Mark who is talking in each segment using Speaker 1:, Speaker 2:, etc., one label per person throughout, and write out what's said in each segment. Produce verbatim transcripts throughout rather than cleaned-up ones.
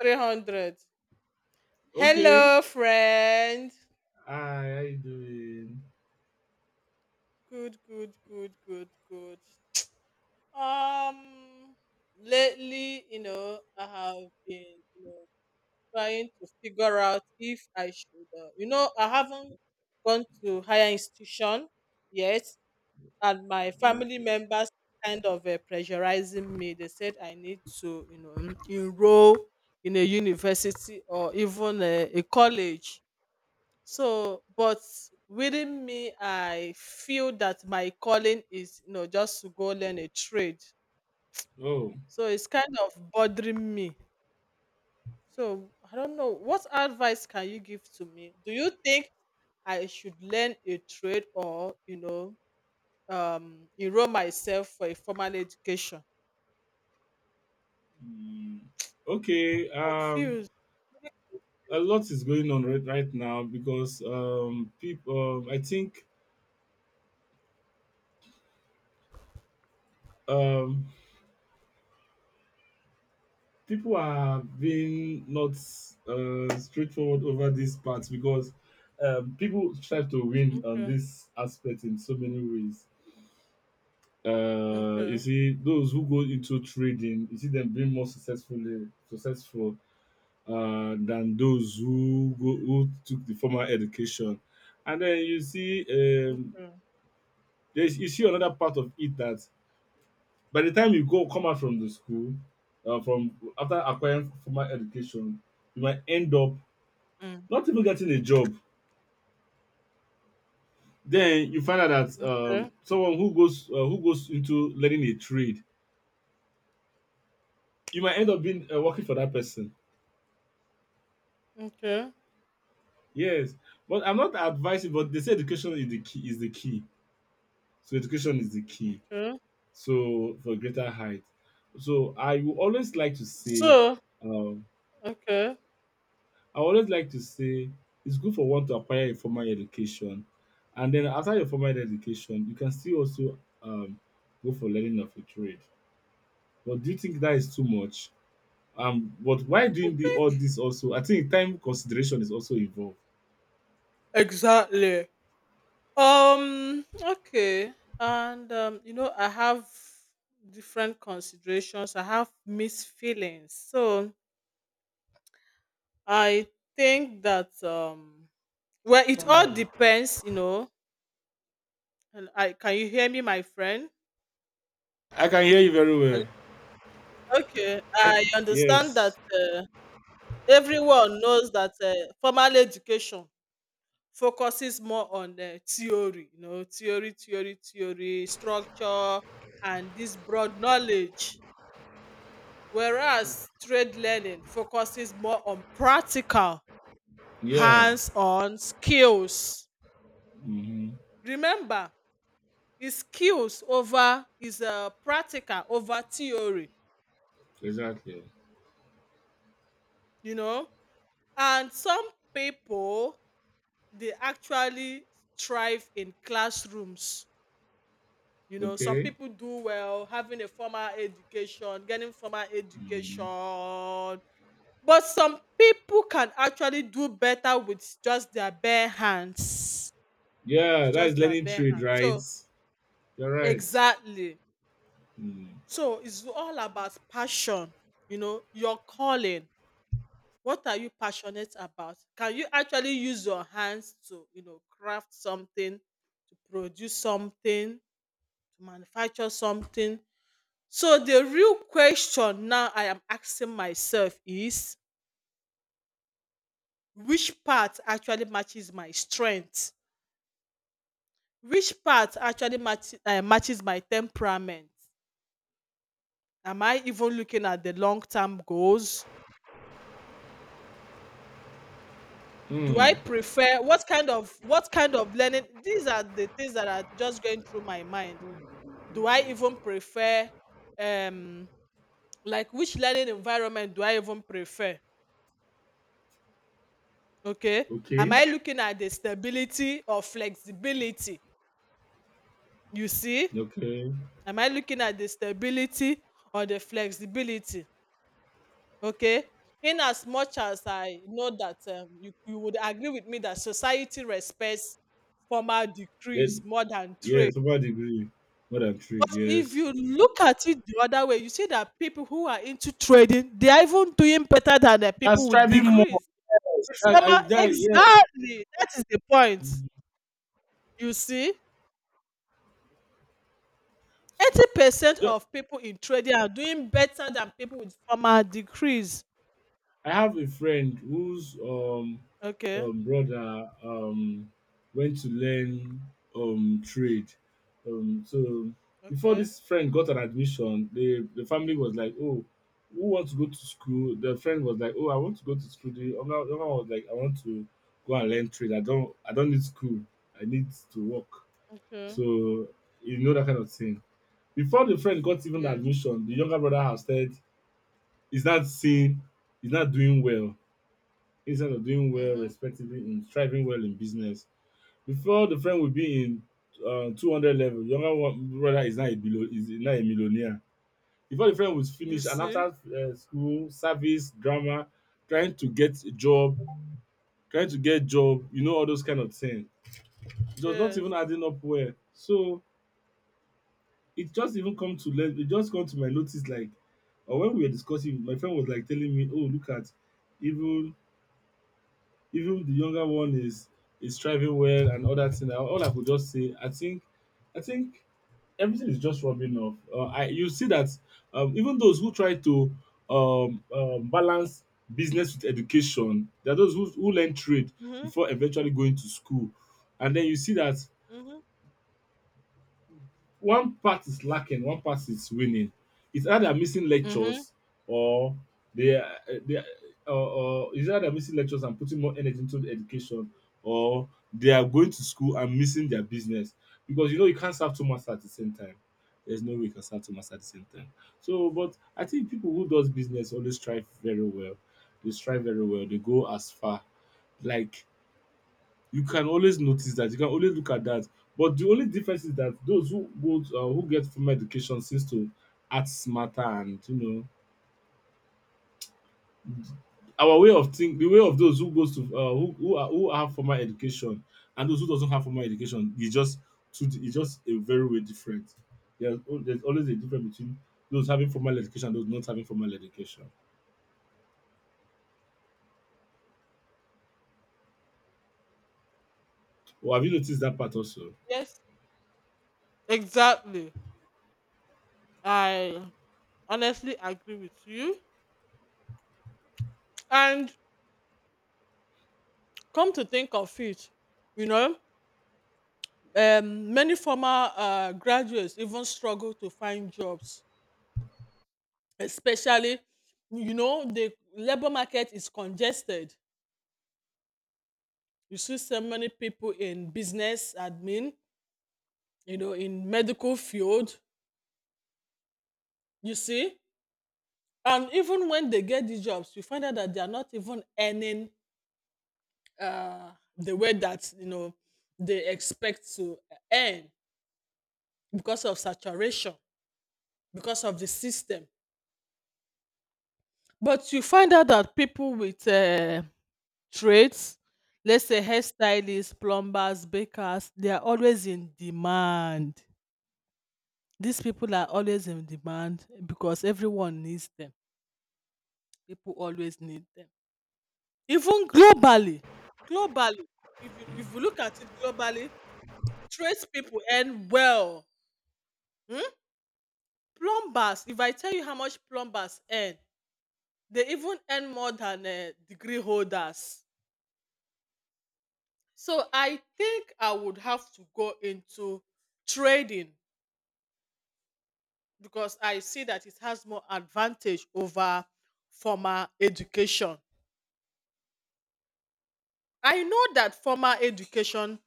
Speaker 1: three hundred.
Speaker 2: Okay.
Speaker 1: Hello, friend.
Speaker 2: Hi, how you doing?
Speaker 1: Good, good, good, good, good. Um, Lately, you know, I have been, you know, trying to figure out if I should, uh, you know, I haven't gone to higher institution yet, and my family
Speaker 2: Okay.
Speaker 1: members kind of uh, pressurizing me. They said I need to, you know, enroll in a university or even uh, a college. So, but within me, I feel that my calling is, you know, just to go learn a trade.
Speaker 2: Oh.
Speaker 1: So it's kind of bothering me. So I don't know. What advice can you give to me? Do you think I should learn a trade or, you know, um, enroll myself for a formal education?
Speaker 2: mm, Okay. Um,
Speaker 1: Confused.
Speaker 2: a lot is going on right, right now because um, people. Um, I think um, people are being not uh, straightforward over these parts because um, people try to win on
Speaker 1: Okay.
Speaker 2: this aspect in so many ways. Uh, you
Speaker 1: Okay.
Speaker 2: see, those who go into trading, you see them being more successfully successful uh, than those who go, who took the formal education. And then you see, um,
Speaker 1: Okay.
Speaker 2: there's, you see another part of it that by the time you go come out from the school, uh, from after acquiring formal education, you might end up
Speaker 1: Mm,
Speaker 2: not even getting a job. Then you find out that um,
Speaker 1: okay.
Speaker 2: someone who goes uh, who goes into learning a trade, you might end up being uh, working for that person.
Speaker 1: Okay.
Speaker 2: Yes, but I'm not advising. But they say education is the key. Is the key. So education is the key,
Speaker 1: Okay.
Speaker 2: so for greater height, so I will always like to say,
Speaker 1: So,
Speaker 2: um
Speaker 1: okay.
Speaker 2: I always like to say it's good for one to acquire a formal education, and then after your formal education you can still also um go for learning of a trade. But do you think that is too much? Um but why doing the, all this? Also, I think time consideration is also involved.
Speaker 1: Exactly. Um, okay. And um, you know, I have different considerations. I have mixed feelings. So I think that um Well, it all depends, you know. And I can you hear me, my friend?
Speaker 2: I can hear you very well.
Speaker 1: Hello? Okay.
Speaker 2: I,
Speaker 1: I
Speaker 2: yes.
Speaker 1: understand that uh, everyone knows that uh, formal education focuses more on uh, theory, you know, theory, theory, theory, structure, and this broad knowledge. Whereas trade learning focuses more on practical,
Speaker 2: Yeah.
Speaker 1: hands on skills.
Speaker 2: Mm-hmm.
Speaker 1: Remember, it's skills over is uh, practical over theory,
Speaker 2: Exactly.
Speaker 1: you know. And some people they actually thrive in classrooms. You know, some
Speaker 2: Okay.
Speaker 1: people do well having a formal education, getting formal education,
Speaker 2: Mhm.
Speaker 1: but some people can actually do better with just their bare hands with
Speaker 2: Yeah, that
Speaker 1: just
Speaker 2: is
Speaker 1: their
Speaker 2: learning
Speaker 1: bare
Speaker 2: trade,
Speaker 1: hand.
Speaker 2: right?
Speaker 1: So
Speaker 2: You're right.
Speaker 1: exactly.
Speaker 2: Hmm.
Speaker 1: So it's all about passion, you know, your calling. What are you passionate about? Can you actually use your hands to, you know, craft something, to produce something, to manufacture something? So the real question now I am asking myself is which part actually matches my strength? Which part actually match, uh, matches my temperament? Am I even looking at the long term goals? Do
Speaker 2: Hmm.
Speaker 1: I prefer what kind of what kind of learning? These are the things that are just going through my mind. Do I even prefer um like which learning environment do I even prefer? Okay. Am
Speaker 2: Okay.
Speaker 1: I looking at the stability or flexibility? You see?
Speaker 2: Okay.
Speaker 1: Am I looking at the stability or the flexibility? Okay. In as much as I know that um, you, you would agree with me that society respects formal
Speaker 2: Yeah.
Speaker 1: decrees more than
Speaker 2: Yeah.
Speaker 1: trade.
Speaker 2: Super degree. More than
Speaker 1: But
Speaker 2: trade.
Speaker 1: if
Speaker 2: Yes.
Speaker 1: you look at it the other way, you see that people who are into trading, they are even doing better than the
Speaker 2: That's
Speaker 1: people with
Speaker 2: striving more.
Speaker 1: degrees.
Speaker 2: That, I,
Speaker 1: Formal,
Speaker 2: that, yeah.
Speaker 1: exactly. That is the point.
Speaker 2: Hmm.
Speaker 1: You see, eighty percent of people in trading are doing better than people with formal degrees.
Speaker 2: I have a friend whose um,
Speaker 1: Okay.
Speaker 2: um, brother um, went to learn um, trade. Um, so before
Speaker 1: Okay.
Speaker 2: this friend got an admission, the, the family was like, "Oh, who wants to go to school?" The friend was like, "Oh, I want to go to school." The other, the other one was like, "I want to go and learn trade. I don't, I don't need school. I need to work."
Speaker 1: Okay.
Speaker 2: So you know that kind of thing. Before the friend got even the
Speaker 1: Yes.
Speaker 2: admission, the younger brother has said he's not seeing, he's not doing well instead of doing well
Speaker 1: Mm-hmm.
Speaker 2: respectively in striving well in business. Before the friend will be in uh, two hundred level, younger one brother is now a below is now a millionaire. Before the friend was
Speaker 1: You
Speaker 2: finished, and after
Speaker 1: see?
Speaker 2: uh, school, service, drama, trying to get a job, trying to get job, you know, all those kind of things. It was not
Speaker 1: Yes.
Speaker 2: even adding up well. So it just even come to let it just come to my notice like, or when we were discussing, my friend was like telling me, "Oh, look at even, even the younger one is is thriving well and other thing." And all I could just say, I think, I think everything is just rubbing off. Uh, I, you see that um, even those who try to um, um, balance business with education, there are those who, who learn trade
Speaker 1: Mhm.
Speaker 2: before eventually going to school, and then you see that
Speaker 1: Mhm.
Speaker 2: one part is lacking, one part is winning. It's either missing
Speaker 1: Mm-hmm.
Speaker 2: lectures, or they are they are or, or it's either missing lectures and putting more energy into the education, or they are going to school and missing their business, because you know you can't serve two masters at the same time. There's no way you can serve two masters at the same time. So, but I think people who does business always strive very well. They strive very well. They go as far. Like, you can always notice that, you can always look at that. But the only difference is that those who go to uh, who get formal education seems to act smarter, and you know our way of think the way of those who goes to uh, who who, are, who have formal education and those who doesn't have formal education is just two is just a very way different. There's, al- there's always a difference between those having formal education and those not having formal education. Well, have you noticed that part also?
Speaker 1: Yes, exactly. I honestly agree with you. And come to think of it, you know, um, many former uh, graduates even struggle to find jobs, especially, you know, the labor market is congested. You see so many people in business admin, you know, in medical field, you see. And even when they get the jobs, you find out that they are not even earning uh, the way that you know they expect to earn because of saturation, because of the system. But you find out that people with uh, trades, let's say hairstylists, plumbers, bakers, they are always in demand. These people are always in demand because everyone needs them. People always need them. Even globally, globally, if you, if you look at it globally, trades people earn well. Hmm? Plumbers, if I tell you how much plumbers earn, they even earn more than uh, degree holders. So I think I would have to go into trading because I see that it has more advantage over formal education. I know that formal education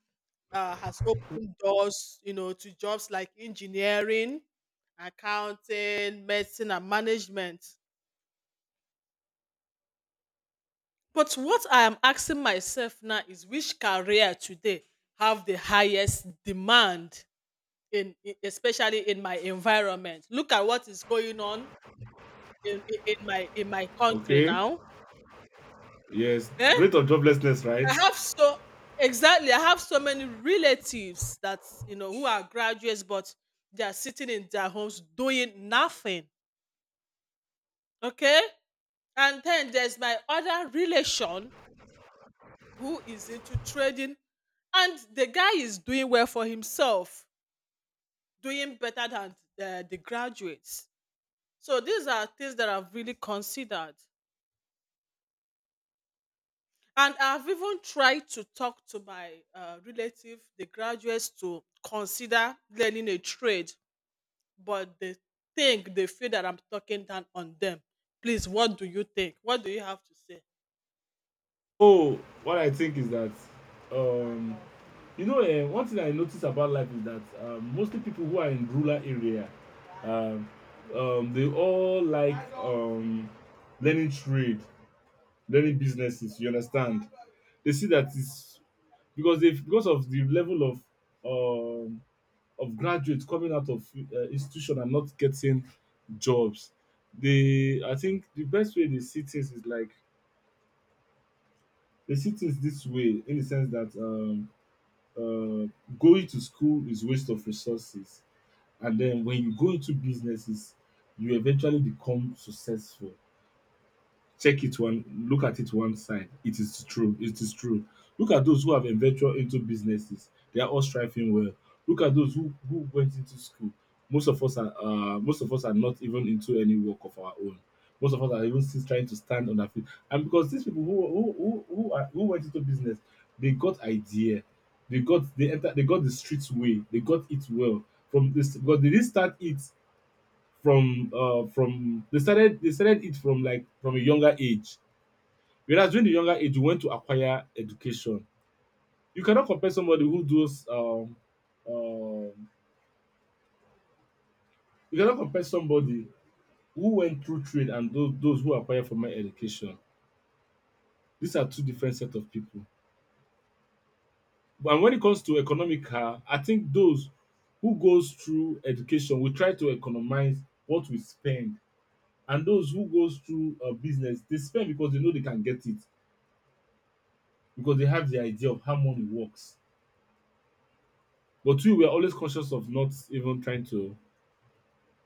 Speaker 1: uh, has opened doors, you know, to jobs like engineering, accounting, medicine, and management. But what I am asking myself now is which career today have the highest demand in in- especially in my environment. Look at what is going on in, in, in my in my country
Speaker 2: Okay.
Speaker 1: now.
Speaker 2: Yes.
Speaker 1: Eh?
Speaker 2: Rate of joblessness, right?
Speaker 1: I have so Exactly, I have so many relatives that you know who are graduates but they are sitting in their homes doing nothing. Okay? And then there's my other relation who is into trading and the guy is doing well for himself, doing better than uh, the graduates. So these are things that I've really considered, and I've even tried to talk to my uh, relative, the graduates, to consider learning a trade, but they think they feel that I'm talking down on them. Please, what do you think? What do you have to say?
Speaker 2: Oh, what I think is that, um, you know, uh, one thing I notice about life is that um, mostly people who are in rural area, um, um, they all like um, learning trade, learning businesses. You understand? They see that it's because they because of the level of um, of graduates coming out of uh, institution and not getting jobs. They, I think the best way they see things is like they see things this way in the sense that. Um, uh, Going to school is waste of resources, and then when you go into businesses you eventually become successful. Check it one, look at it one side, it is true. It is true. Look at those who have ventured into businesses, they are all striving well. Look at those who who went into school, most of us are uh, most of us are not even into any work of our own. Most of us are even still trying to stand on our feet. And because these people who who who who, are, who went into business, they got idea, they got they enter they got the streets way, they got it well from this. Because they didn't start it from uh from they started they started it from like from a younger age. Whereas during the younger age, you went to acquire education. You cannot compare somebody who does um, um, you cannot compare somebody who went through trade and those those who acquire formal education. These are two different set of people. But when it comes to economical, I think those who goes through education will try to economize what we spend, and those who goes through uh, business they spend because they know they can get it, because they have the idea of how money works. But we were always conscious of not even trying to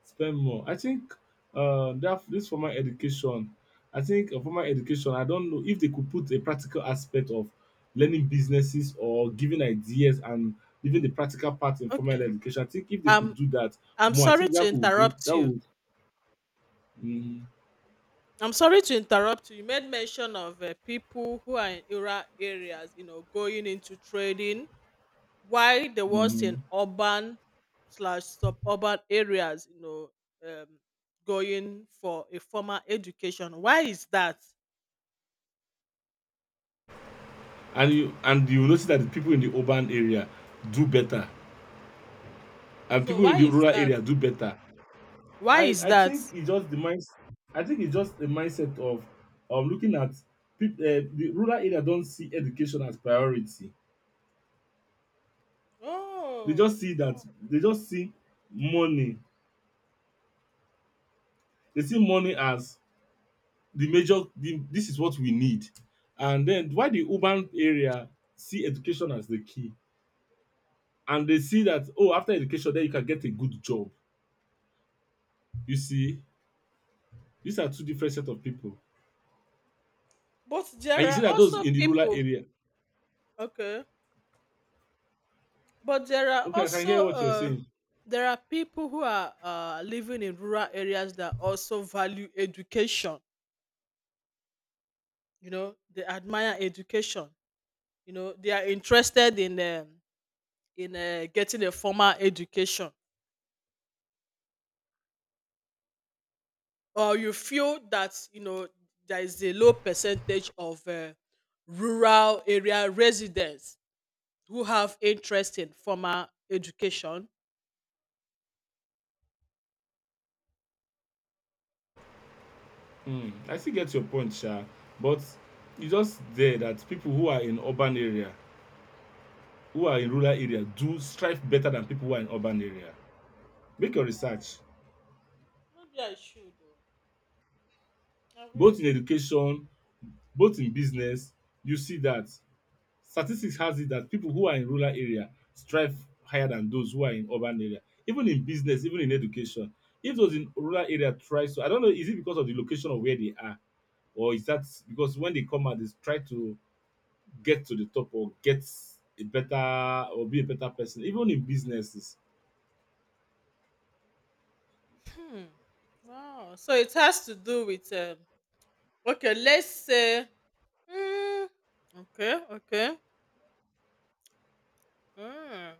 Speaker 2: spend more. I think uh, that this formal education, I think a formal education, I don't know if they could put a practical aspect of learning businesses or giving ideas and leaving the practical part in formal
Speaker 1: Okay.
Speaker 2: education. I think if they could
Speaker 1: um
Speaker 2: do that
Speaker 1: i'm
Speaker 2: more, I
Speaker 1: sorry
Speaker 2: think
Speaker 1: to
Speaker 2: that would great.
Speaker 1: interrupt
Speaker 2: That
Speaker 1: you
Speaker 2: would. Mm,
Speaker 1: I'm sorry to interrupt you. You made mention of uh, people who are in rural areas, you know, going into trading. Why there was
Speaker 2: mm.
Speaker 1: in urban slash suburban areas, you know, um, going for a formal education. Why is that?
Speaker 2: And you, and you notice that the people in the urban area do better, and
Speaker 1: So
Speaker 2: people in
Speaker 1: why
Speaker 2: the
Speaker 1: is
Speaker 2: rural
Speaker 1: that?
Speaker 2: area do better.
Speaker 1: Why
Speaker 2: I
Speaker 1: is
Speaker 2: I
Speaker 1: that?
Speaker 2: think it's just the mind. I think it's just a mindset of of looking at people. Uh, the rural area don't see education as priority. They
Speaker 1: Oh,
Speaker 2: just see that they just see money. They see money as the major. The, this is what we need. And then why the urban area see education as the key, and they see that, oh, after education then you can get a good job. You see, these are two different set of people,
Speaker 1: but
Speaker 2: and
Speaker 1: there
Speaker 2: you see
Speaker 1: are
Speaker 2: that those
Speaker 1: also
Speaker 2: in the rural
Speaker 1: people.
Speaker 2: area.
Speaker 1: Okay. But there are
Speaker 2: Okay, I can
Speaker 1: also
Speaker 2: hear what you're
Speaker 1: uh,
Speaker 2: saying.
Speaker 1: there are people who are uh, living in rural areas that also value education. You know, they admire education. You know, they are interested in um, in uh, getting a formal education. Or you feel that you know there is a low percentage of uh, rural area residents who have interest in formal education.
Speaker 2: Mm, I still get your point, Sha. But you just there that people who are in urban area, who are in rural area, do strive better than people who are in urban area. Make your
Speaker 1: Wow.
Speaker 2: research.
Speaker 1: Maybe I should. Though. I
Speaker 2: Both
Speaker 1: will.
Speaker 2: in education, both in business, you see that statistics has it that people who are in rural area strive higher than those who are in urban area. Even in business, even in education. If those in rural area try to, I don't know, is it because of the location of where they are, or is that because when they come out, they try to get to the top or get a better or be a better person even in businesses.
Speaker 1: Hmm. Wow. So it has to do with um, okay. Let's say. Mm, okay. Okay. Mm.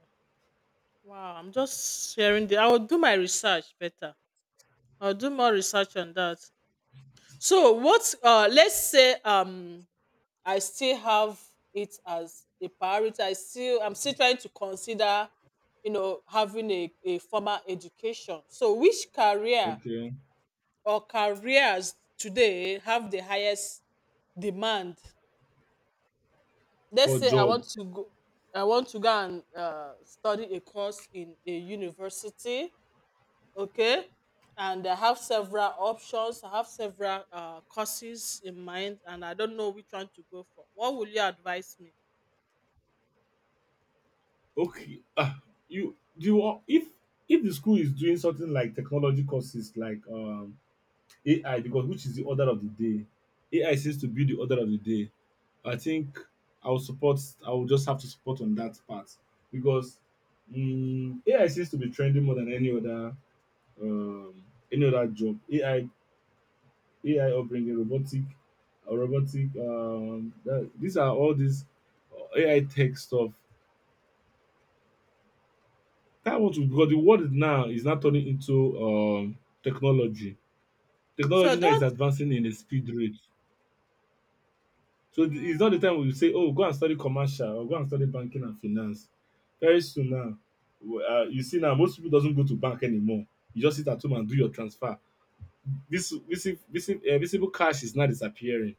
Speaker 1: Wow. I'm just sharing the. I will do my research better. I'll do more research on that. So what? Uh, let's say um, I still have it as a priority. I still. I'm still trying to consider, you know, having a, a formal education. So, which career
Speaker 2: Okay.
Speaker 1: or careers today have the highest demand?
Speaker 2: For
Speaker 1: Let's say i
Speaker 2: job.
Speaker 1: want to go I want to go and uh, study a course in a university. Okay, and I have several options. I have several uh, courses in mind and I don't know which one to go for. What will you advise me?
Speaker 2: Okay, ah, you do you, if if the school is doing something like technology courses, like um AI, because which is the order of the day. AI seems to be the order of the day. I think I will support, I will just have to support on that part, because mm AI seems to be trending more than any other um any other job. ai A I upbringing, robotic, uh, robotic. Um, that, these are all these uh, A I tech stuff. That what we, because the world now is now turning into um technology.
Speaker 1: So
Speaker 2: Technology now is
Speaker 1: that,
Speaker 2: advancing in a speed rate. So th- it's not the
Speaker 1: mm,
Speaker 2: time we say, oh, go and study commercial or go and study banking and finance. Very soon now, w- uh, you see now most people doesn't go to bank anymore. You just sit at home and do your transfer. This visible, visible, uh, visible cash is now disappearing.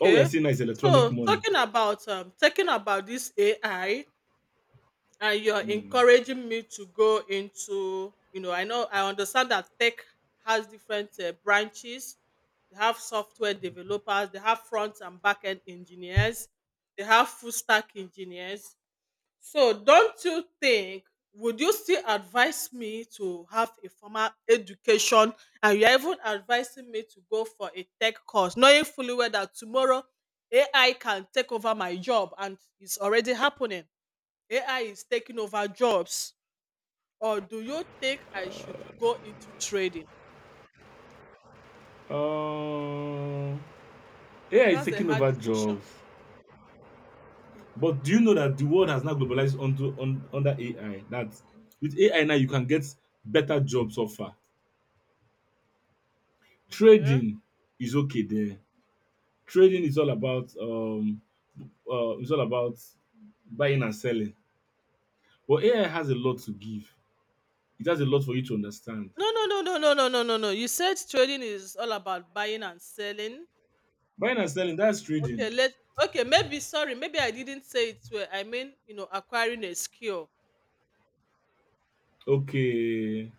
Speaker 2: All we are seeing now is electronic
Speaker 1: So
Speaker 2: money.
Speaker 1: talking about um talking about this AI, and you're
Speaker 2: Hmm.
Speaker 1: encouraging me to go into, you know, I know I understand that tech has different uh, branches. They have software developers, they have front and back end engineers, they have full stack engineers. So don't you think, would you still advise me to have a formal education, and you're even advising me to go for a tech course knowing fully well that tomorrow AI can take over my job, and it's already happening. A I is taking over jobs, or do you think I should go into trading?
Speaker 2: Um, A I is
Speaker 1: That's a
Speaker 2: taking
Speaker 1: hard
Speaker 2: over
Speaker 1: decision.
Speaker 2: jobs, but do you know that the world has now globalized onto on, under A I? That with A I now you can get better jobs offer.
Speaker 1: Okay.
Speaker 2: Trading is okay there. Trading is all about um, uh, it's all about buying and selling. But A I has a lot to give. It has a lot for you to understand.
Speaker 1: No, no, no, no, no, no, no, no, no. You said trading is all about buying and selling.
Speaker 2: Buying and selling, that's
Speaker 1: Okay,
Speaker 2: trading.
Speaker 1: let Okay, maybe sorry, maybe I didn't say it well. I mean, you know, acquiring a skill.
Speaker 2: Okay,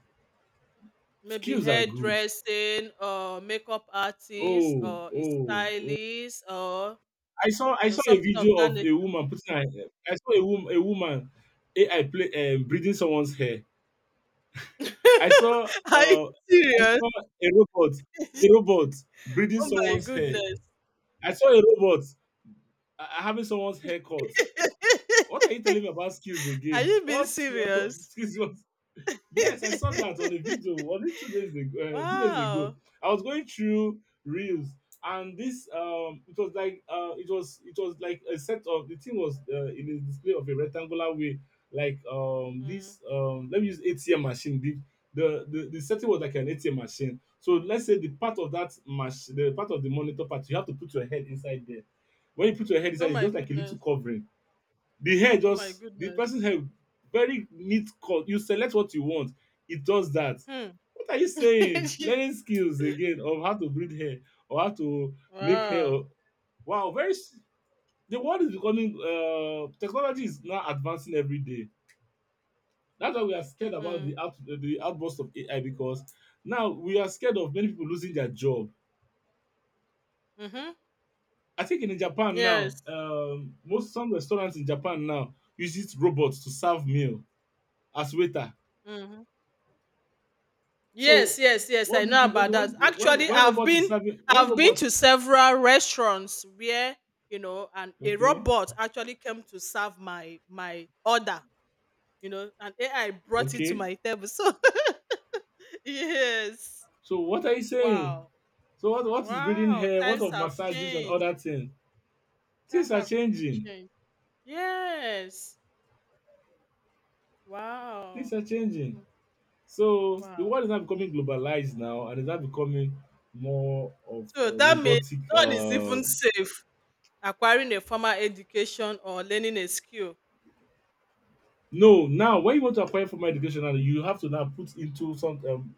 Speaker 1: Maybe
Speaker 2: skills are good.
Speaker 1: hairdressing or makeup artist
Speaker 2: Oh,
Speaker 1: or a
Speaker 2: oh, oh.
Speaker 1: stylist or
Speaker 2: I saw
Speaker 1: you
Speaker 2: I
Speaker 1: know
Speaker 2: saw a
Speaker 1: something of
Speaker 2: video
Speaker 1: that
Speaker 2: of
Speaker 1: nature.
Speaker 2: a woman putting her. I saw a woman a woman A I play, um, breathing someone's hair. I saw
Speaker 1: Are you
Speaker 2: uh I
Speaker 1: serious?
Speaker 2: saw a robot, a robot breathing
Speaker 1: Oh my
Speaker 2: someone's hair.
Speaker 1: goodness.
Speaker 2: I saw a robot uh, having someone's hair cut. What are you telling me about skills
Speaker 1: Are
Speaker 2: again?
Speaker 1: you being
Speaker 2: What
Speaker 1: serious?
Speaker 2: skills? Yes, I saw that on a video only two days ago. Uh, two days ago,
Speaker 1: Wow.
Speaker 2: I was going through reels, and this, um, it was like, uh, it was it was like a set. Of the thing was, uh, in a display of a rectangular way, like, um,
Speaker 1: Mm.
Speaker 2: this um, let me use A T M machine. The, the the the setting was like an A T M machine. So let's say the part of that machine, the part of the monitor part, you have to put your head inside there. When you put your head
Speaker 1: Oh
Speaker 2: inside, it's
Speaker 1: my
Speaker 2: just like a little
Speaker 1: goodness.
Speaker 2: covering the hair,
Speaker 1: Oh my
Speaker 2: just the
Speaker 1: goodness.
Speaker 2: person hair, very neat cut. You select what you want, it does that.
Speaker 1: Hmm.
Speaker 2: What are you saying?
Speaker 1: Jeez.
Speaker 2: Learning skills again of how to breed hair, or how to make hair.
Speaker 1: Wow.
Speaker 2: Or, wow, very s- the world is becoming, uh, technology is now advancing every day. That's why we are scared about
Speaker 1: Mm.
Speaker 2: the out, the outburst of A I, because now we are scared of many people losing their job.
Speaker 1: Mm-hmm.
Speaker 2: I think in Japan now,
Speaker 1: Yes.
Speaker 2: um, most some restaurants in Japan now uses robots to serve meal as waiter.
Speaker 1: Mm-hmm.
Speaker 2: So,
Speaker 1: Yes, yes, yes.
Speaker 2: what
Speaker 1: I
Speaker 2: do you
Speaker 1: know
Speaker 2: think? Okay,
Speaker 1: about
Speaker 2: when
Speaker 1: that.
Speaker 2: when
Speaker 1: Actually,
Speaker 2: when
Speaker 1: I've
Speaker 2: robot is
Speaker 1: been
Speaker 2: serving, when
Speaker 1: I've been
Speaker 2: robot,
Speaker 1: to several restaurants where, you know, an a
Speaker 2: okay,
Speaker 1: robot actually came to serve my my order, you know, and A I brought it to
Speaker 2: okay.
Speaker 1: my table. So yes.
Speaker 2: So what are you saying?
Speaker 1: Wow.
Speaker 2: So what what is breeding
Speaker 1: Wow,
Speaker 2: hair? What
Speaker 1: times
Speaker 2: of
Speaker 1: have
Speaker 2: massages and
Speaker 1: changed.
Speaker 2: other things?
Speaker 1: Time
Speaker 2: Things are
Speaker 1: have really
Speaker 2: changing.
Speaker 1: changed. Yes.
Speaker 2: Things
Speaker 1: Wow.
Speaker 2: are changing.
Speaker 1: Mhm.
Speaker 2: So the
Speaker 1: Wow.
Speaker 2: world is now becoming globalized now, and is now becoming more of,
Speaker 1: So
Speaker 2: uh,
Speaker 1: that means
Speaker 2: robotic.
Speaker 1: no one is
Speaker 2: Uh,
Speaker 1: even safe acquiring a formal education or learning a skill.
Speaker 2: no, now when you want to apply for my education, now you have to now put into some, um,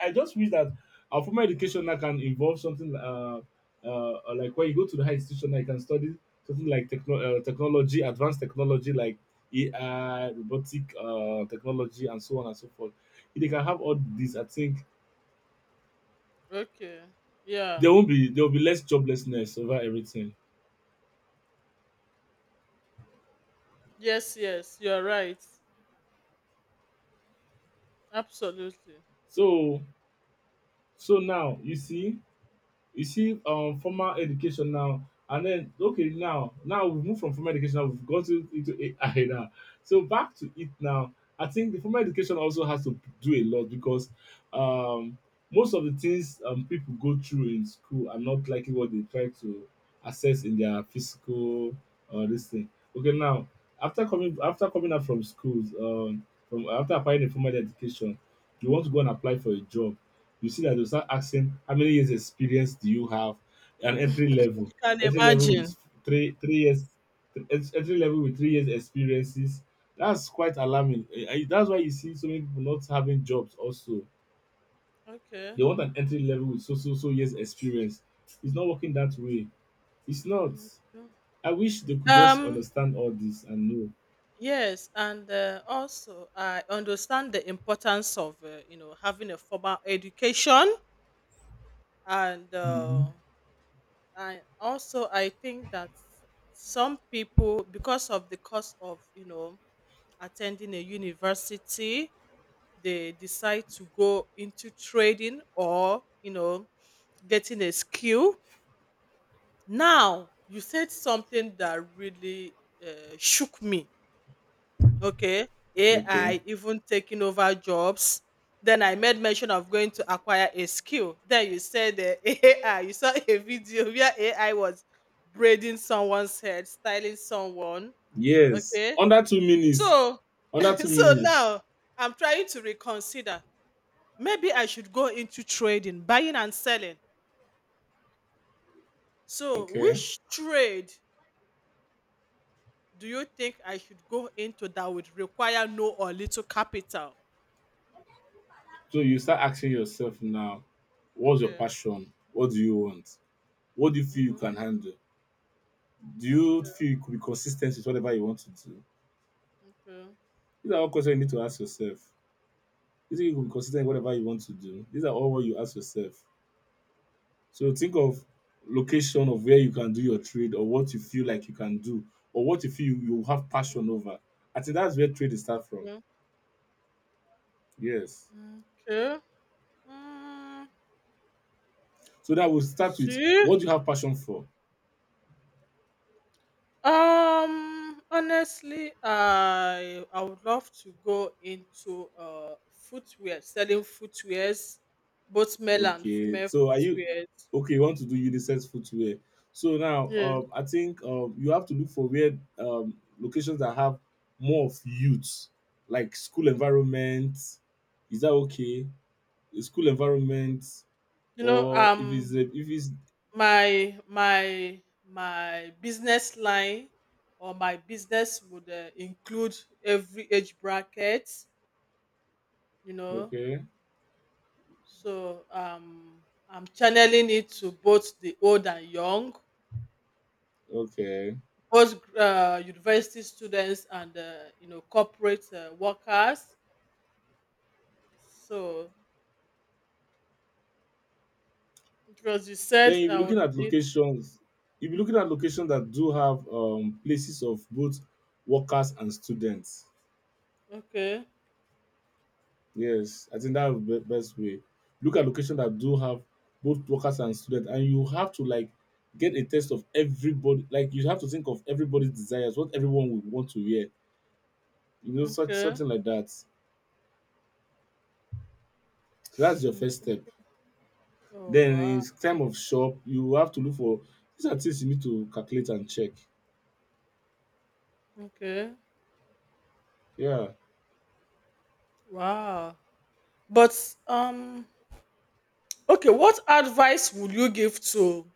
Speaker 2: I just wish that our formal education now can involve something, uh, uh, like when you go to the high institution, now you can study something like, techno- uh, technology, advanced technology like A I, robotic, uh, technology, and so on and so forth. If they can have all these, I think
Speaker 1: Okay. Yeah.
Speaker 2: there won't be, there will be less joblessness over everything.
Speaker 1: Yes, yes, you're right. Absolutely.
Speaker 2: So so now you see You see, um, Formal education now, and then okay, now now we move from formal education, now we've gotten into A I now. So back to it now. I think the formal education also has to do a lot because, um, most of the things, um, people go through in school are not likely what they try to assess in their physical, or, uh, this thing. Okay, now after coming after coming out from schools, um, from after applying a formal education, you want to go and apply for a job. You see that they'll start asking, how many years experience do you have? An entry
Speaker 1: You
Speaker 2: level,
Speaker 1: can
Speaker 2: entry level with
Speaker 1: imagine.
Speaker 2: three three years, th- ent- entry level with three years experiences. That's quite alarming. Eh, eh, that's why you see so many people not having jobs. Also,
Speaker 1: Okay.
Speaker 2: they want an entry level with so so so years experience. It's not working that way. It's not.
Speaker 1: Okay.
Speaker 2: I wish they could just
Speaker 1: Um
Speaker 2: understand all this and know.
Speaker 1: yes, and uh, also I understand the importance of uh, you know having a formal education, and uh,
Speaker 2: Mhm.
Speaker 1: I also I think that some people because of the cost of you know attending a university, they decide to go into trading or you know getting a skill. Now you said something that really uh, shook me. Okay,
Speaker 2: Okay.
Speaker 1: AI even taking over jobs, then I made mention of going to acquire a skill, then you said uh, AI, you saw a video where AI was braiding someone's head, styling someone.
Speaker 2: Yes.
Speaker 1: Okay.
Speaker 2: Under two minutes.
Speaker 1: So
Speaker 2: Under two
Speaker 1: so
Speaker 2: minutes.
Speaker 1: now I'm trying to reconsider. Maybe I should go into trading, buying and selling. So
Speaker 2: Okay.
Speaker 1: which trade do you think I should go into that would require no or little capital?
Speaker 2: So you start asking yourself now, what's your
Speaker 1: Okay.
Speaker 2: passion? What do you want? What do you feel you
Speaker 1: Hmm.
Speaker 2: can handle? Do you feel you could be consistent with whatever you want to do?
Speaker 1: Okay.
Speaker 2: These are all questions you need to ask yourself. You think you could be consistent with whatever you want to do? These are all what you ask yourself. So think of location of where you can do your trade, or what you feel like you can do, or what you feel you you have
Speaker 1: Mm,
Speaker 2: passion over. I think that's where trade is start from.
Speaker 1: okay.
Speaker 2: Yes.
Speaker 1: Mm, okay. Mm,
Speaker 2: So that will
Speaker 1: I
Speaker 2: start with,
Speaker 1: see.
Speaker 2: what do you have passion for?
Speaker 1: Um, honestly, I I would love to go into uh footwear, selling footwears, both male and
Speaker 2: Okay,
Speaker 1: female
Speaker 2: so are you
Speaker 1: footwears.
Speaker 2: okay? You want to do unisex footwear? So now,
Speaker 1: Yes.
Speaker 2: um, I think, um, you have to look for where, um, locations that have more of youth, like school environment. Is that okay? A school environment,
Speaker 1: You know,
Speaker 2: or if it's
Speaker 1: um
Speaker 2: a, if it's
Speaker 1: my my my business line or my business would uh, include every age bracket, you know.
Speaker 2: okay,
Speaker 1: So um, I'm channeling it to both the old and young,
Speaker 2: okay.
Speaker 1: both uh, university students and uh, you know corporate uh, workers. So because you said
Speaker 2: Then you'll be
Speaker 1: I
Speaker 2: looking
Speaker 1: would
Speaker 2: at
Speaker 1: need
Speaker 2: locations. You'll be looking at locations that do have, um, places of both workers and students.
Speaker 1: okay,
Speaker 2: Yes, I think that's the best way. Look at location that do have both workers and students, and you have to like get a taste of everybody. Like you have to think of everybody's desires, what everyone would want to wear. You know, such
Speaker 1: okay.
Speaker 2: something like that. So that's your first
Speaker 1: Mm.
Speaker 2: step.
Speaker 1: Oh
Speaker 2: Then
Speaker 1: wow,
Speaker 2: it's time of shop. You have to look for, these are things you need to calculate and check.
Speaker 1: okay,
Speaker 2: Yeah,
Speaker 1: wow. But um, okay, what advice would you give to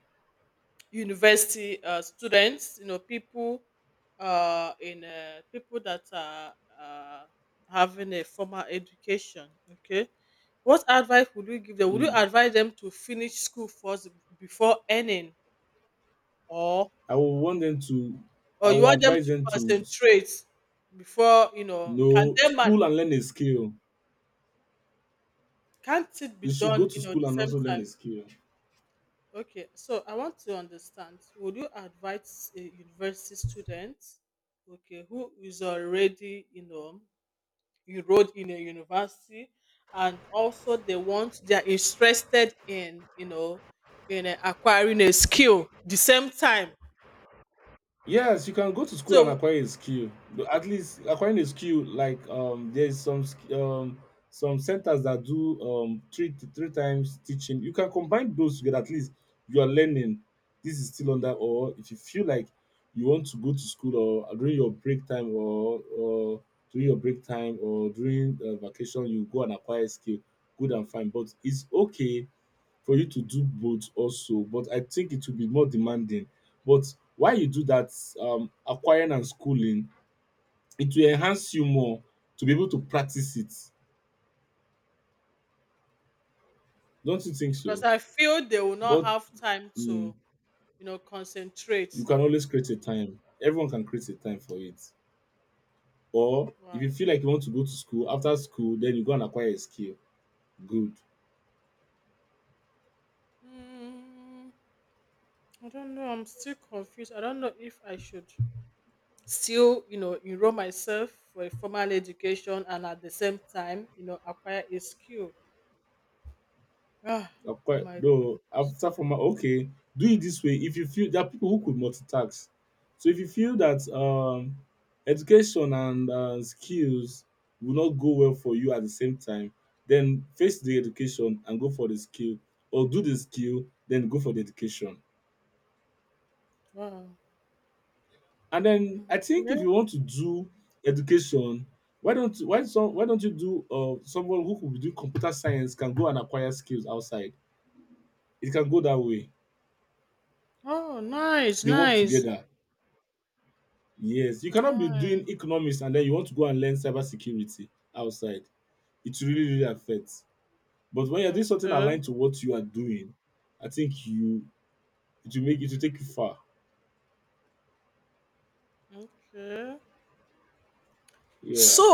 Speaker 1: university uh, students, you know, people uh, in uh, people that are uh, having a formal education. Okay, what advice would you give them? Would you
Speaker 2: mm.
Speaker 1: advise them to finish school first before earning, or
Speaker 2: I will want them to. I
Speaker 1: or you
Speaker 2: will
Speaker 1: want them
Speaker 2: advise
Speaker 1: to
Speaker 2: them to, s-
Speaker 1: concentrate before you know? Can
Speaker 2: know
Speaker 1: them and
Speaker 2: school and learn a skill.
Speaker 1: can't it
Speaker 2: They
Speaker 1: be
Speaker 2: should
Speaker 1: done?
Speaker 2: go to
Speaker 1: You know, the
Speaker 2: school and
Speaker 1: same
Speaker 2: also learn a
Speaker 1: time.
Speaker 2: skill.
Speaker 1: Okay, so I want to understand, would you advise a university student, okay, who is already, you know, enrolled in a university and also they want, they are interested in, you know, in uh, acquiring a skill the same time.
Speaker 2: Yes, you can go to school and
Speaker 1: So,
Speaker 2: acquire a skill. But at least acquiring a skill, like, um, there's some, sk- um some centers that do, um three three times teaching. You can combine those together. At least you are learning. This is still under. Or if you feel like you want to go to school, or during your break time, or or during your break time, or during, uh, vacation, you go and acquire a skill. Good and fine, but it's okay for you to do both also, but I think it will be more demanding. But while you do that, um acquiring and schooling, it will enhance you more to be able to practice it. Don't you think
Speaker 1: because
Speaker 2: so?
Speaker 1: I feel they will not
Speaker 2: But,
Speaker 1: have time
Speaker 2: mm,
Speaker 1: to, you know, concentrate.
Speaker 2: you can always create a time. Everyone can create a time for it. Or if
Speaker 1: Wow.
Speaker 2: you feel like you want to go to school, after school, then you go and acquire a skill. Good.
Speaker 1: Mm, I don't know. I'm still confused. I don't know if I should. Still you know enroll myself for a formal education and at the same time you know acquire a skill. Ah,
Speaker 2: I've
Speaker 1: oh
Speaker 2: quite,
Speaker 1: my
Speaker 2: no,
Speaker 1: goodness.
Speaker 2: after from, okay, do it this way. If you feel there are people who could multitask. So if you feel that, um education and, uh, skills will not go well for you at the same time, then face the education and go for the skill, or do the skill, then go for the education.
Speaker 1: Wow.
Speaker 2: And then I think if
Speaker 1: Okay.
Speaker 2: you want to do education, why don't why so why don't you do, uh someone who could do computer science can go and acquire skills outside? It can go that way.
Speaker 1: Oh, nice,
Speaker 2: They work
Speaker 1: nice,
Speaker 2: together. Yes, you cannot be doing
Speaker 1: nice.
Speaker 2: economics and then you want to go and learn cybersecurity outside. It really, really affects. But when you're doing something
Speaker 1: Okay,
Speaker 2: aligned to what you are doing, I think you it will make it will take you far.
Speaker 1: okay.
Speaker 2: Yeah.
Speaker 1: So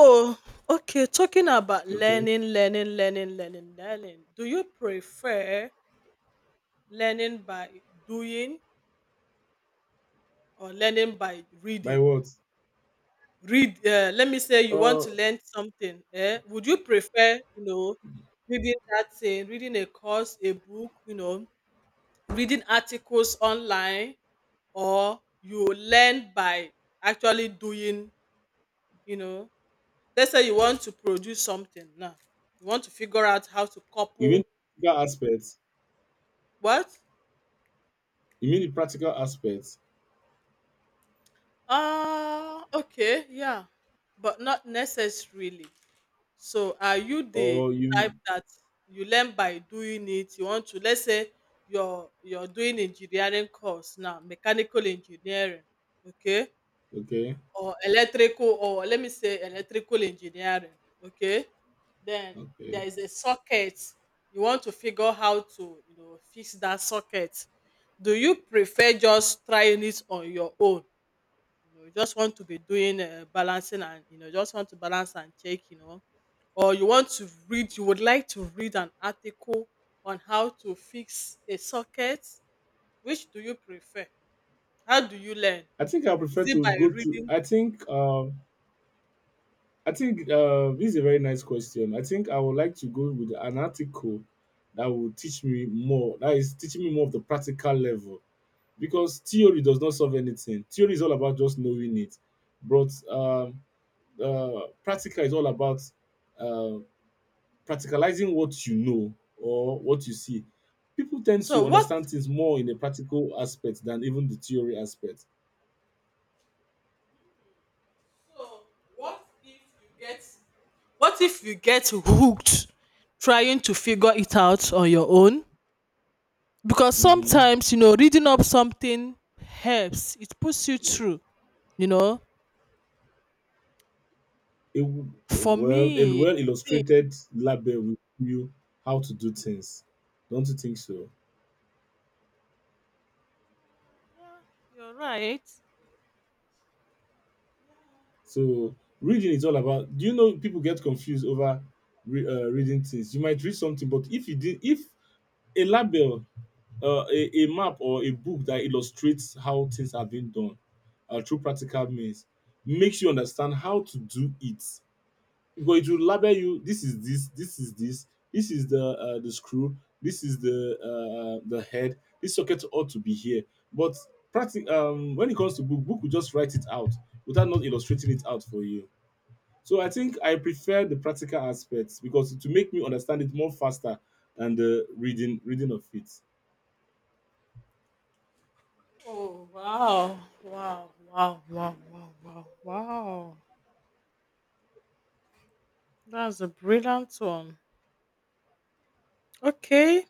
Speaker 1: okay, talking about
Speaker 2: Okay.
Speaker 1: learning learning learning learning learning, do you prefer learning by doing or learning by
Speaker 2: By
Speaker 1: reading?
Speaker 2: what?
Speaker 1: Read uh, Let me say you want
Speaker 2: Uh
Speaker 1: to learn something, eh, would you prefer, you know, reading that thing, reading a course, a book, you know, reading articles online, or you learn by actually doing, you know? Let's say you want to produce something now, you want to figure out how to
Speaker 2: you mean
Speaker 1: couple.
Speaker 2: the practical aspects?
Speaker 1: What?
Speaker 2: You mean the practical aspects?
Speaker 1: Ah, okay, yeah, but not necessarily. So are you the
Speaker 2: Or you,
Speaker 1: type that you learn by doing it? You want to, let's say you're you're doing engineering course now, mechanical engineering, okay?
Speaker 2: okay.
Speaker 1: Or electrical, or let me say electrical engineering, okay? Then
Speaker 2: Okay.
Speaker 1: there is a socket. You want to figure how to, you know, fix that socket. Do you prefer just trying it on your own? You know, you just want to be doing uh, balancing and, you know, just want to balance and check, you know, or you want to read, you would like to read an article on how to fix a socket? Which do you prefer? How do you learn?
Speaker 2: I think I
Speaker 1: Is
Speaker 2: prefer
Speaker 1: it
Speaker 2: to
Speaker 1: by
Speaker 2: go to,
Speaker 1: reading?
Speaker 2: I think, um I think, uh, this is a very nice question. I think I would like to go with an article that will teach me more. That is teaching me more of the practical level, because theory does not solve anything. Theory is all about just knowing it, but, um uh, practical is all about, um practicalizing what you know or what you see. People tend
Speaker 1: So
Speaker 2: to
Speaker 1: what,
Speaker 2: understand things more in a practical aspect than even the theory aspect.
Speaker 1: so what if you get, what if you get hooked trying to figure it out on your own, because
Speaker 2: Mm-hmm.
Speaker 1: sometimes, you know, reading up something helps, it puts you through, you know?
Speaker 2: A w-
Speaker 1: for
Speaker 2: well, a
Speaker 1: me I
Speaker 2: well
Speaker 1: think-
Speaker 2: illustrated lab will show you how to do things. Don't you think so?
Speaker 1: Yeah, you're right.
Speaker 2: So reading is all about. Do you know people get confused over, re, uh, reading things? You might read something, but if you did, if a label, uh, a, a map, or a book that illustrates how things have been done, uh, through practical means, makes you understand how to do it, because it will label you. This is this. This is this. This is the uh, the screw. This is the uh, the head. This socket ought to be here. But, practic- um, when it comes to book, book will just write it out, without not illustrating it out for you, so I think I prefer the practical aspects because to make me understand it more faster than the reading reading of it.
Speaker 1: Oh wow, wow, wow, wow, wow, wow, wow. That's a brilliant one. Okay.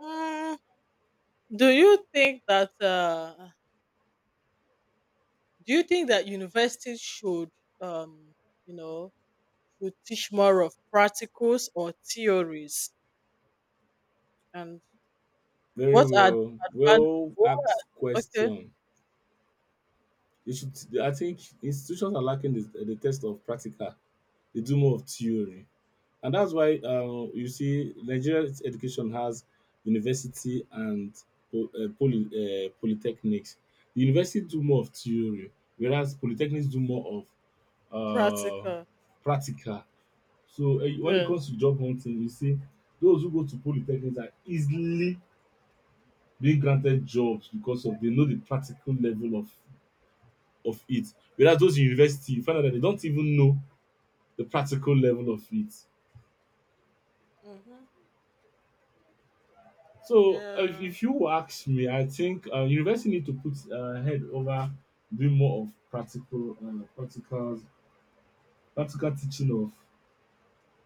Speaker 1: Mm, do you think that uh do you think that universities should um you know, should teach more of practicals or theories? And
Speaker 2: Very
Speaker 1: what are the
Speaker 2: well,
Speaker 1: advantages?
Speaker 2: well asked
Speaker 1: Okay.
Speaker 2: question. You should. I think institutions are lacking the, the test of practical. They do more of theory, and that's why, uh, you see Nigerian education has university and, po- uh, poly, uh, polytechnics. The university do more of theory, whereas polytechnics do more of, uh,
Speaker 1: Practical.
Speaker 2: practical. So, uh, when it
Speaker 1: Yes.
Speaker 2: comes to job hunting, you see, those who go to polytechnics are easily being granted jobs because of they know the practical level of of it. Whereas those in university, you find out that they don't even know the practical level of it.
Speaker 1: Mm-hmm.
Speaker 2: So uh, if
Speaker 1: Yeah.
Speaker 2: if you ask me, I think uh, university need to put uh, head over doing more of practical, uh, practical, practical teaching of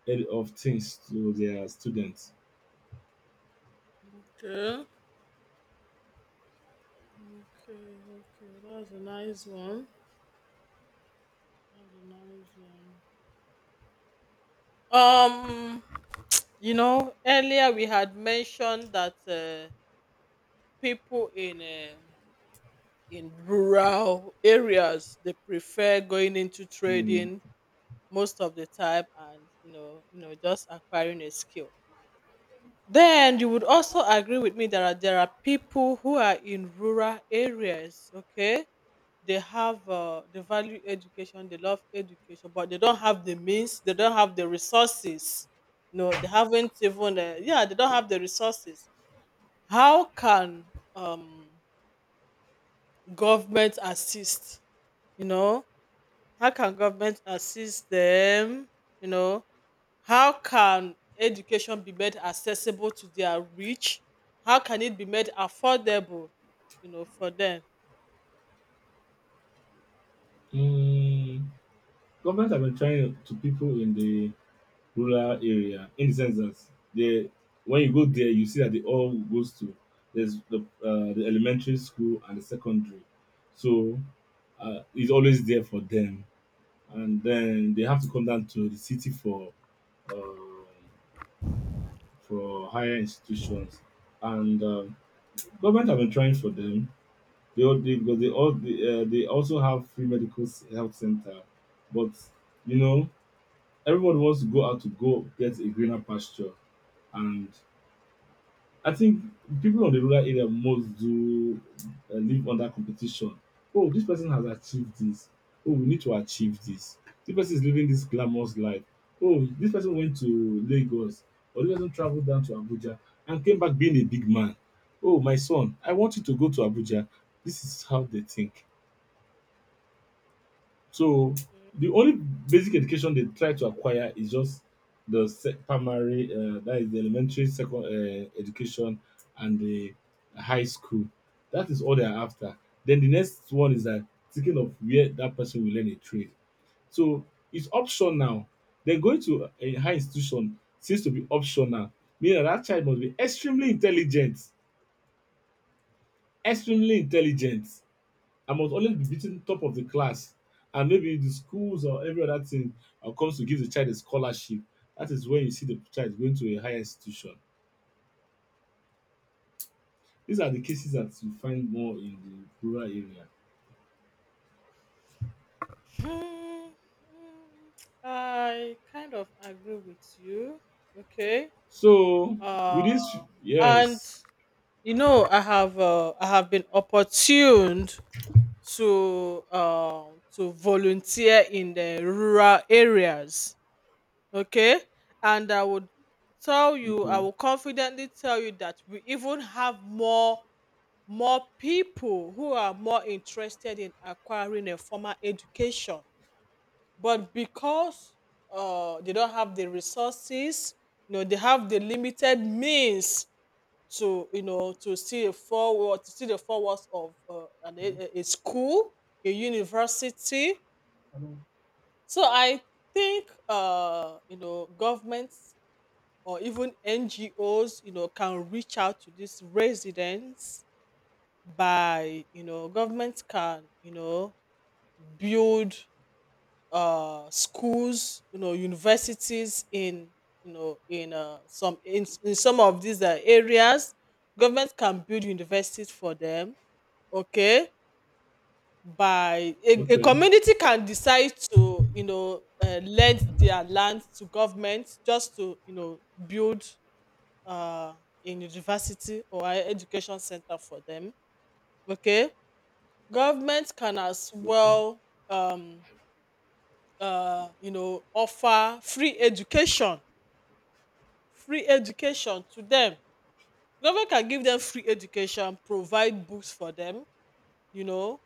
Speaker 2: ed- of things to their students.
Speaker 1: Okay. Okay, okay. That's a nice one. That's a nice one. Um, you know, earlier we had mentioned that uh, people in uh, in rural areas, they prefer going into
Speaker 2: Mm.
Speaker 1: trading most of the time, and you know, you know, just acquiring a skill. Then you would also agree with me that there are- there are people who are in rural areas, okay? They have, uh, they value education, they love education, but they don't have the means, they don't have the resources. No, they haven't even, uh, yeah, they don't have the resources. How can um, government assist? You know, how can government assist them? You know, how can education be made accessible to their reach? How can it be made affordable, you know, for them?
Speaker 2: Mm. Government have been trying to people in the rural area in the sense that they when you go there you see that they all goes to there's the uh, the elementary school and the secondary, so uh, it's always there for them, and then they have to come down to the city for um for higher institutions, and um government have been trying for them. They all they, because they all they, uh, They also have free medical s- health center, but you know, everybody wants to go out to go get a greener pasture. And I think people on the rural area most do uh, live under competition. Oh, this person has achieved this. Oh, we need to achieve this. This person is living this glamorous life. Oh, this person went to Lagos or this person traveled down to Abuja and came back being a big man. Oh, my son, I want you to go to Abuja. This is how they think. So the only basic education they try to acquire is just the sec- primary, uh, that is the elementary, second uh, education, and the high school. That is all they are after. Then the next one is that thinking of where that person will learn a trade. So it's optional. Then going to a high institution seems to be optional, meaning that, that child must be extremely intelligent, extremely intelligent, I must always be beating top of the class. And maybe the schools or every other thing uh, comes to give the child a scholarship. That is when you see the child going to a higher institution. These are the cases that you find more in the rural area.
Speaker 1: Hmm, mm, I kind of agree with you. Okay.
Speaker 2: So
Speaker 1: Uh,
Speaker 2: with this,
Speaker 1: and
Speaker 2: yes,
Speaker 1: you know, I have uh, I have been opportuned to uh, to volunteer in the rural areas. Okay? And I would tell you, I
Speaker 2: okay,
Speaker 1: will confidently tell you that we even have more, more people who are more interested in acquiring a formal education. But because uh, they don't have the resources, you know, they have the limited means to, you know, to see a forward, to see the forwards of uh, an, a, a school, a university. So I think, uh, you know, government or even N G Os, you know, can reach out to these residents by, you know, government can, you know, build uh, schools, you know, universities in, you know, in uh, some in, in some of these uh, areas. Government can build universities for them. Okay, by a, a
Speaker 2: okay,
Speaker 1: community can decide to, you know, uh, lend their land to government just to, you know, build uh, in university or higher education center for them. Okay, government can as
Speaker 2: okay.
Speaker 1: well, um, uh, you know, offer free education, free education to them. Government can give them free education, provide books for them. You know,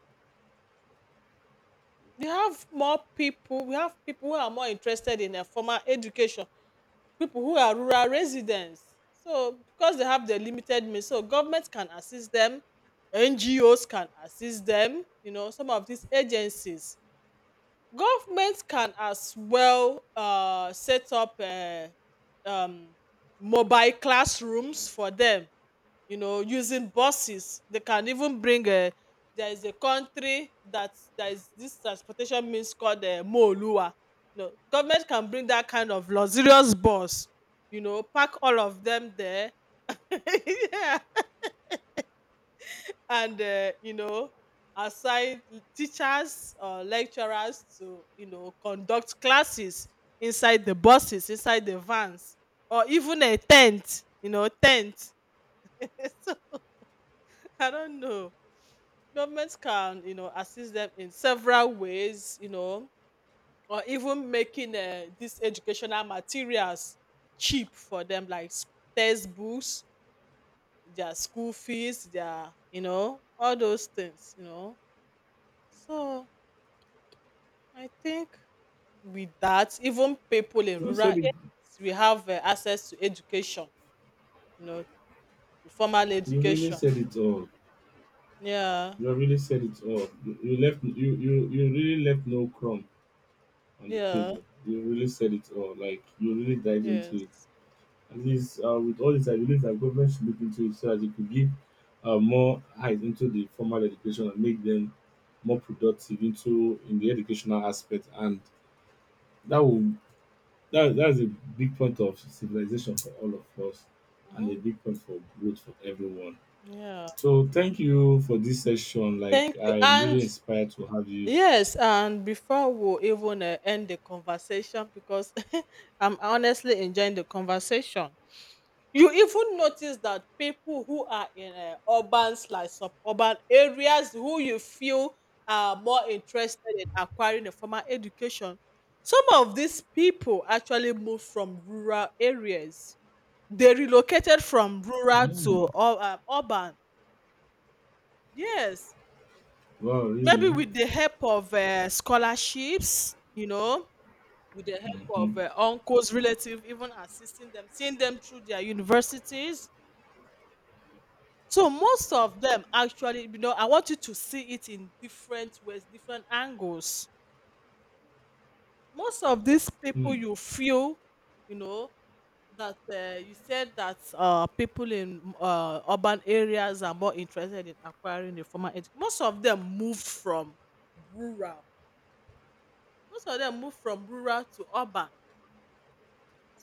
Speaker 1: we have more people. We have people who are more interested in a formal education, people who are rural residents. So because they have the limited means, so government can assist them, N G Os can assist them, you know, some of these agencies. Government can as well uh, set up uh, um, mobile classrooms for them, you know, using buses. They can even bring a. There is a country that, there is this transportation means called uh, moolua. You know, government can bring that kind of luxurious bus, you know, pack all of them there. Yeah. And uh, you know, assign teachers or lecturers to, you know, conduct classes inside the buses, inside the vans, or even a tent, you know, tent. So I don't know. Governments can, you know, assist them in several ways, you know, or even making uh, these educational materials cheap for them, like sc- textbooks, their school fees, their, you know, all those things, you know. So I think with that, even people in
Speaker 2: You have
Speaker 1: rural
Speaker 2: said it.
Speaker 1: areas, we have uh, access to education, you know, to formal
Speaker 2: You really
Speaker 1: education.
Speaker 2: said it all.
Speaker 1: Yeah,
Speaker 2: You have really said it all. You, you left. You, you you really left no crumb on the
Speaker 1: yeah,
Speaker 2: table. You really said it all. Like you really dived into it.
Speaker 1: yes.
Speaker 2: At least uh, with all this, I believe that government should look into it so that it could give uh, more eyes into the formal education and make them more productive into in the educational aspect, and that will that that's a big point of civilization for all of us, and
Speaker 1: Hmm.
Speaker 2: a big point for growth for everyone.
Speaker 1: Yeah.
Speaker 2: So thank you for this session. Like
Speaker 1: Thank you.
Speaker 2: I'm really
Speaker 1: And
Speaker 2: inspired to have you.
Speaker 1: yes, and before we even uh, end the conversation, because I'm honestly enjoying the conversation, you even notice that people who are in uh, urban slash suburban areas who you feel are more interested in acquiring a formal education, some of these people actually moved from rural areas. They relocated from rural to
Speaker 2: Mm.
Speaker 1: ur- uh, um, urban. Yes,
Speaker 2: Wow,
Speaker 1: maybe
Speaker 2: really?
Speaker 1: with the help of uh, scholarships, you know, with the
Speaker 2: Mm-hmm.
Speaker 1: help of
Speaker 2: Hmm.
Speaker 1: uh, uncles, relatives, even assisting them, seeing them through their universities. So most of them actually, you know, I want you to see it in different ways, different angles. Most of these people
Speaker 2: Mm,
Speaker 1: you feel, you know, that uh, you said that uh, people in uh, urban areas are more interested in acquiring the formal education. Most of them moved from rural. Most of them moved from rural to urban.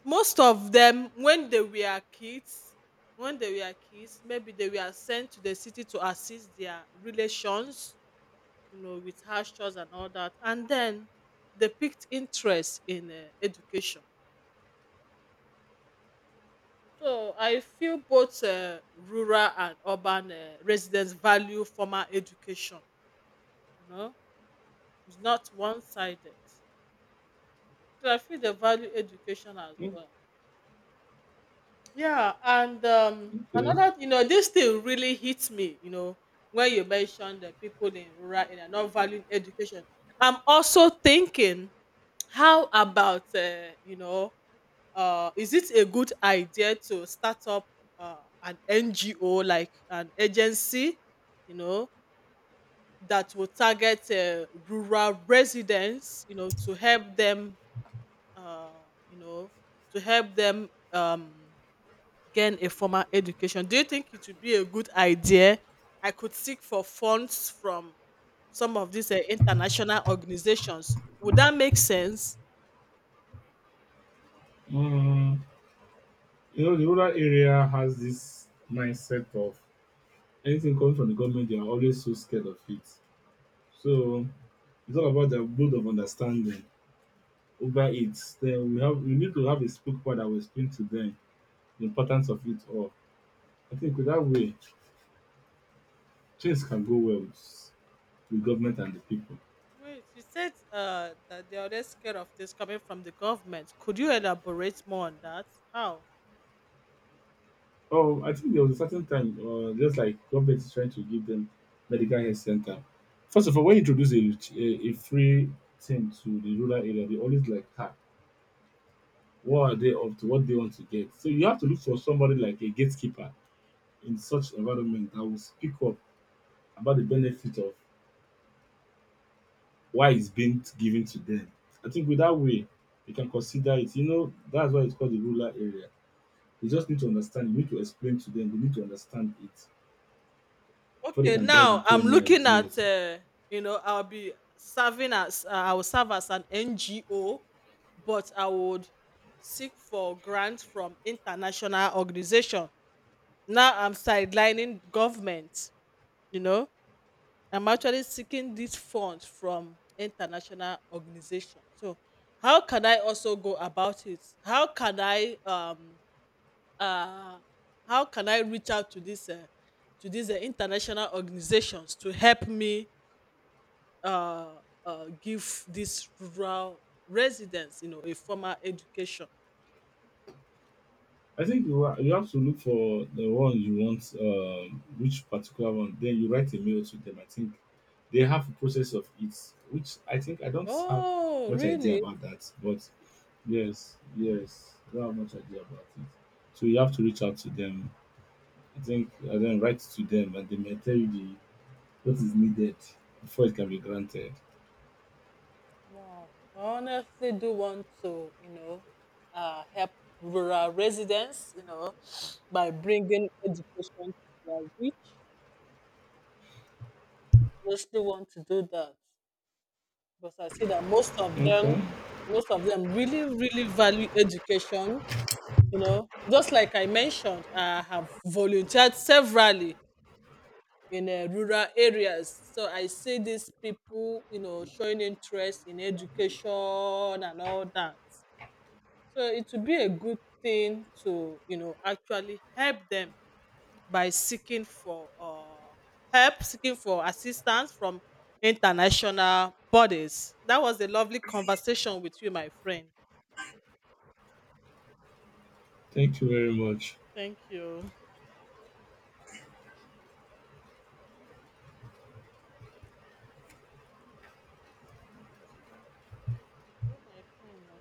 Speaker 1: Most of them when they were kids, when they were kids, maybe they were sent to the city to assist their relations, you know, with hardships and all that, and then they picked interest in uh, education. So I feel both uh, rural and urban uh, residents value formal education, you know, it's not one-sided. So I feel they value education as well. Yeah, and um,
Speaker 2: okay.
Speaker 1: another, you know, this thing really hits me, you know, when you mentioned the people in rural area not valuing education. I'm also thinking, how about, uh, you know, uh, is it a good idea to start up uh, an N G O, like an agency, you know, that will target uh, rural residents, you know, to help them, uh, you know, to help them. Um, gain a formal education. Do you think it would be a good idea? I could seek for funds from some of these uh, international organizations. Would that make sense?
Speaker 2: Mm. You know, the rural area has this mindset of anything coming from the government, they are always so scared of it. So it's all about their build of understanding over it. Then we have we need to have a spokesperson that will explain to them the importance of it all. I think with that way, things can go well with the government and the people.
Speaker 1: Wait, you said uh, that they are already scared of this coming from the government. Could you elaborate more on that? How?
Speaker 2: Oh, I think there was a certain time, uh, just like government is trying to give them medical health center. First of all, when you introduce a, a, a free thing to the rural area, they always like, ah, what are they up to? What they want to get? So you have to look for somebody like a gatekeeper in such environment that will speak up about the benefit of why it's being given to them. I think with that way, you can consider it. You know, that's why it's called the rural area. You just need to understand. You need to explain to them. You need to understand it before they
Speaker 1: Okay,
Speaker 2: can dive
Speaker 1: now
Speaker 2: into
Speaker 1: I'm
Speaker 2: any
Speaker 1: looking at,
Speaker 2: ideas.
Speaker 1: uh, you know, I'll be serving as, uh, I will serve as an N G O, but I would seek for grants from international organization. Now I'm sidelining government, you know, I'm actually seeking this funds from international organizations. So how can I also go about it? How can I, um, uh, how can I reach out to this uh, to these uh, international organizations to help me, uh, uh give these rural residents, you know, a formal education?
Speaker 2: I think you ha- you have to look for the one you want, um, which particular one. Then you write a mail to them. I think they have a process of it, which I think I don't have
Speaker 1: Oh,
Speaker 2: much idea
Speaker 1: really?
Speaker 2: about that. But yes, yes, I don't have much idea about it. So you have to reach out to them, I think, and then write to them, and they may tell you the, what is needed before it can be granted.
Speaker 1: Wow. I honestly do want to, you know, uh, help rural residents, you know, by bringing education to their reach. I honestly want to do that because I see that most of
Speaker 2: Okay,
Speaker 1: them, most of them really, really value education. You know, just like I mentioned, I have volunteered severally in uh, rural areas. So I see these people, you know, showing interest in education and all that. So it would be a good thing to, you know, actually help them by seeking for uh, help, seeking for assistance from international bodies. That was a lovely conversation with you, my friend.
Speaker 2: thank you very much.
Speaker 1: Thank you. Where my pen?